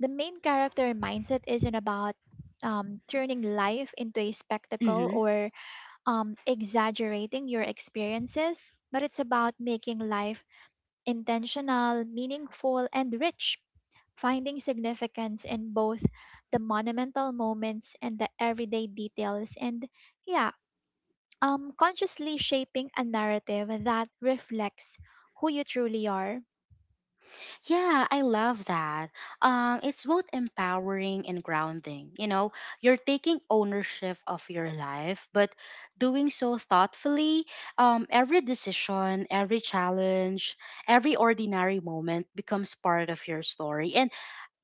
S1: The main character mindset isn't about um, turning life into a spectacle
S2: Mhm.
S1: or um, exaggerating your experiences, but it's about making life intentional, meaningful, and rich, finding significance in both the monumental moments and the everyday details. And yeah, um, consciously shaping a narrative that reflects who you truly are.
S2: Yeah, I love that. Um, it's both empowering and grounding. You know, you're taking ownership of your life, but doing so thoughtfully. Um, every decision, every challenge, every ordinary moment becomes part of your story. And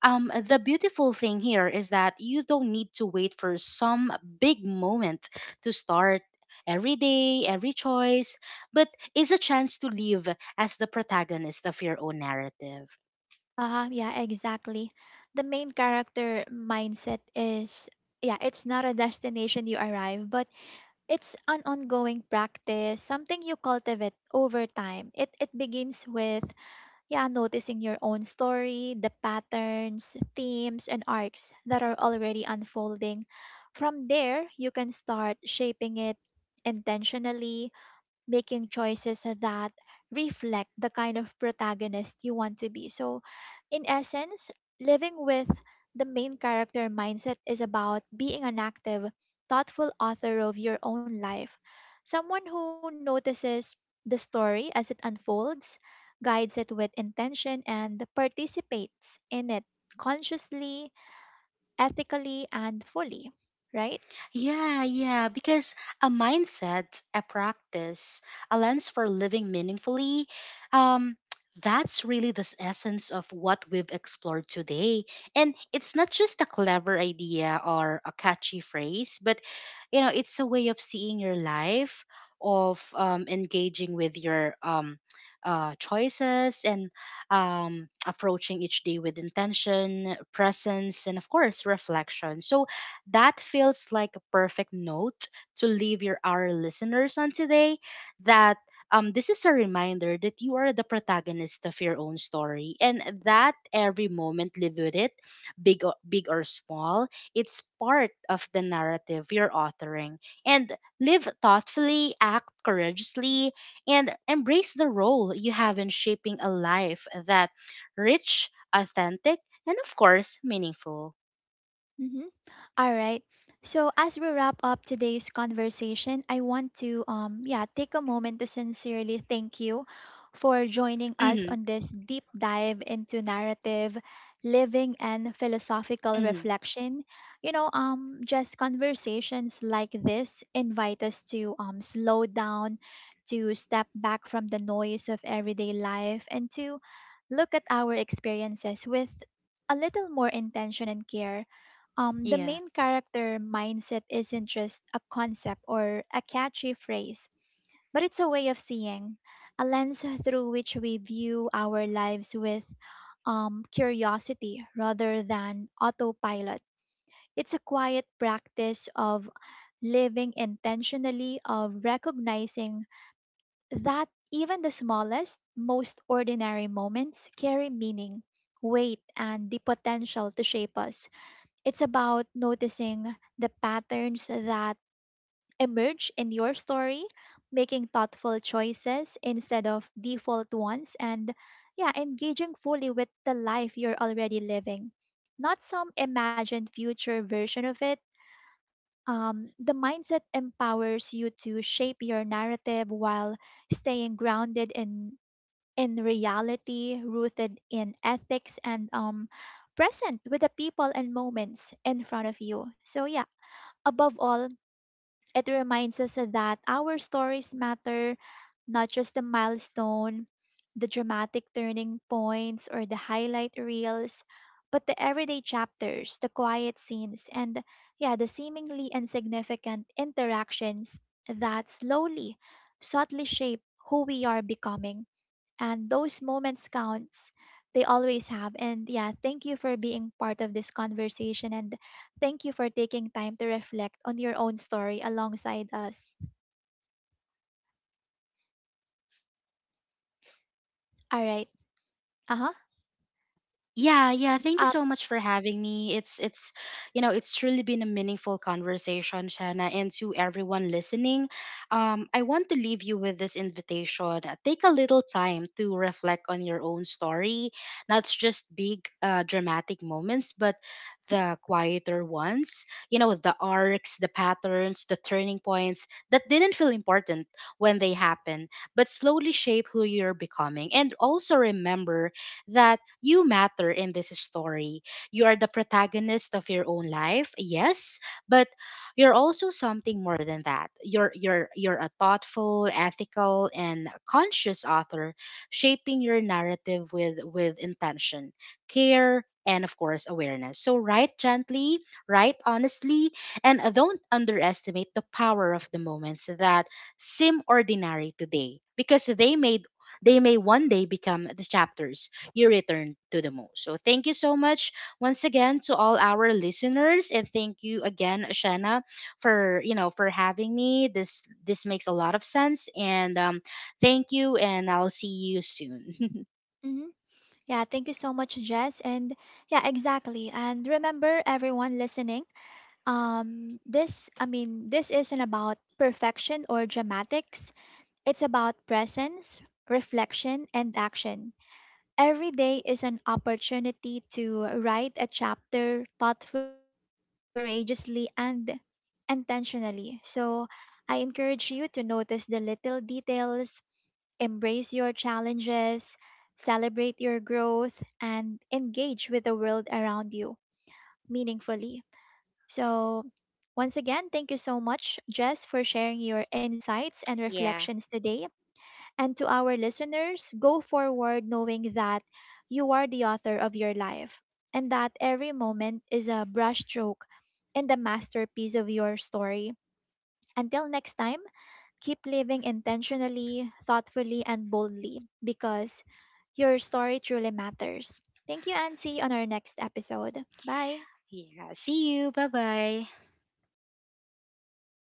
S2: um, the beautiful thing here is that you don't need to wait for some big moment to start. Every day, every choice, but is a chance to live as the protagonist of your own narrative.
S1: Uh, yeah, exactly. The main character mindset is, yeah, it's not a destination you arrive, but it's an ongoing practice, something you cultivate over time. It it begins with, yeah, noticing your own story, the patterns, themes, and arcs that are already unfolding. From there, you can start shaping it intentionally, making choices that reflect the kind of protagonist you want to be. So, in essence, living with the main character mindset is about being an active, thoughtful author of your own life, someone who notices the story as it unfolds, guides it with intention, and participates in it consciously, ethically, and fully, right?
S2: Yeah, yeah, because a mindset, a practice, a lens for living meaningfully, um, that's really the s- essence of what we've explored today. And it's not just a clever idea or a catchy phrase, but you know, it's a way of seeing your life, of um, engaging with your um, uh, choices, and um, approaching each day with intention, presence, and of course, reflection. So, that feels like a perfect note to leave your our listeners on today, that um, this is a reminder that you are the protagonist of your own story, and that every moment live with it, big or, big or small, it's part of the narrative you're authoring. And live thoughtfully, act courageously, and embrace the role you have in shaping a life that rich, authentic, and of course meaningful.
S1: Mm-hmm. All right. So as we wrap up today's conversation, I want to um yeah, take a moment to sincerely thank you for joining us
S2: Mm-hmm.
S1: on this deep dive into narrative, living and philosophical
S2: Mm-hmm.
S1: reflection. You know, um just conversations like this invite us to um slow down, to step back from the noise of everyday life and to look at our experiences with a little more intention and care um, The
S2: Yeah.
S1: main character mindset isn't just a concept or a catchy phrase, but it's a way of seeing, a lens through which we view our lives with um, curiosity rather than autopilot. It's a quiet practice of living intentionally, of recognizing that even the smallest, most ordinary moments carry meaning, weight, and the potential to shape us. It's about noticing the patterns that emerge in your story, making thoughtful choices instead of default ones, and, yeah, engaging fully with the life you're already living, not some imagined future version of it. Um, the mindset empowers you to shape your narrative while staying grounded in in reality, rooted in ethics, and um, present with the people and moments in front of you. So, yeah, above all, it reminds us that our stories matter, not just the milestone, the dramatic turning points, or the highlight reels, but the everyday chapters, the quiet scenes, and, yeah, the seemingly insignificant interactions that slowly, subtly shape who we are becoming. And those moments counts, they always have. And, yeah, thank you for being part of this conversation, and thank you for taking time to reflect on your own story alongside us. All right. Uh-huh.
S2: Yeah, yeah. Thank you
S1: um,
S2: so much for having me. It's it's you know, it's truly been a meaningful conversation, Shana, and to everyone listening. Um, I want to leave you with this invitation. Uh, Take a little time to reflect on your own story, not just big uh, dramatic moments, but the quieter ones. You know, the arcs, the patterns, the turning points that didn't feel important when they happen, but slowly shape who you're becoming. And also remember that you matter in this story. You are the protagonist of your own life, yes, but you're also something more than that. You're you're you're a thoughtful, ethical, and conscious author, shaping your narrative with with intention, care, and of course awareness. So write gently, write honestly, and don't underestimate the power of the moments that seem ordinary today, because they made they may one day become the chapters you return to the most. So thank you so much once again to all our listeners, and thank you again Shanna for you know for having me. This this makes a lot of sense, and um thank you, and I'll see you soon. <laughs>
S1: mhm. Yeah, thank you so much, Jess. And yeah, exactly. And remember, everyone listening, um this I mean this isn't about perfection or dramatics, it's about presence, reflection, and action. Every day is an opportunity to write a chapter thoughtfully, courageously, and intentionally. So I encourage you to notice the little details, embrace your challenges, celebrate your growth, and engage with the world around you meaningfully. So, once again, thank you so much, Jess, for sharing your insights and
S2: Yeah.
S1: reflections today. And to our listeners, go forward knowing that you are the author of your life and that every moment is a brushstroke in the masterpiece of your story. Until next time, keep living intentionally, thoughtfully, and boldly because your story truly matters. Thank you, Ansi, on our next episode. Bye.
S2: Yeah. See you. Bye bye.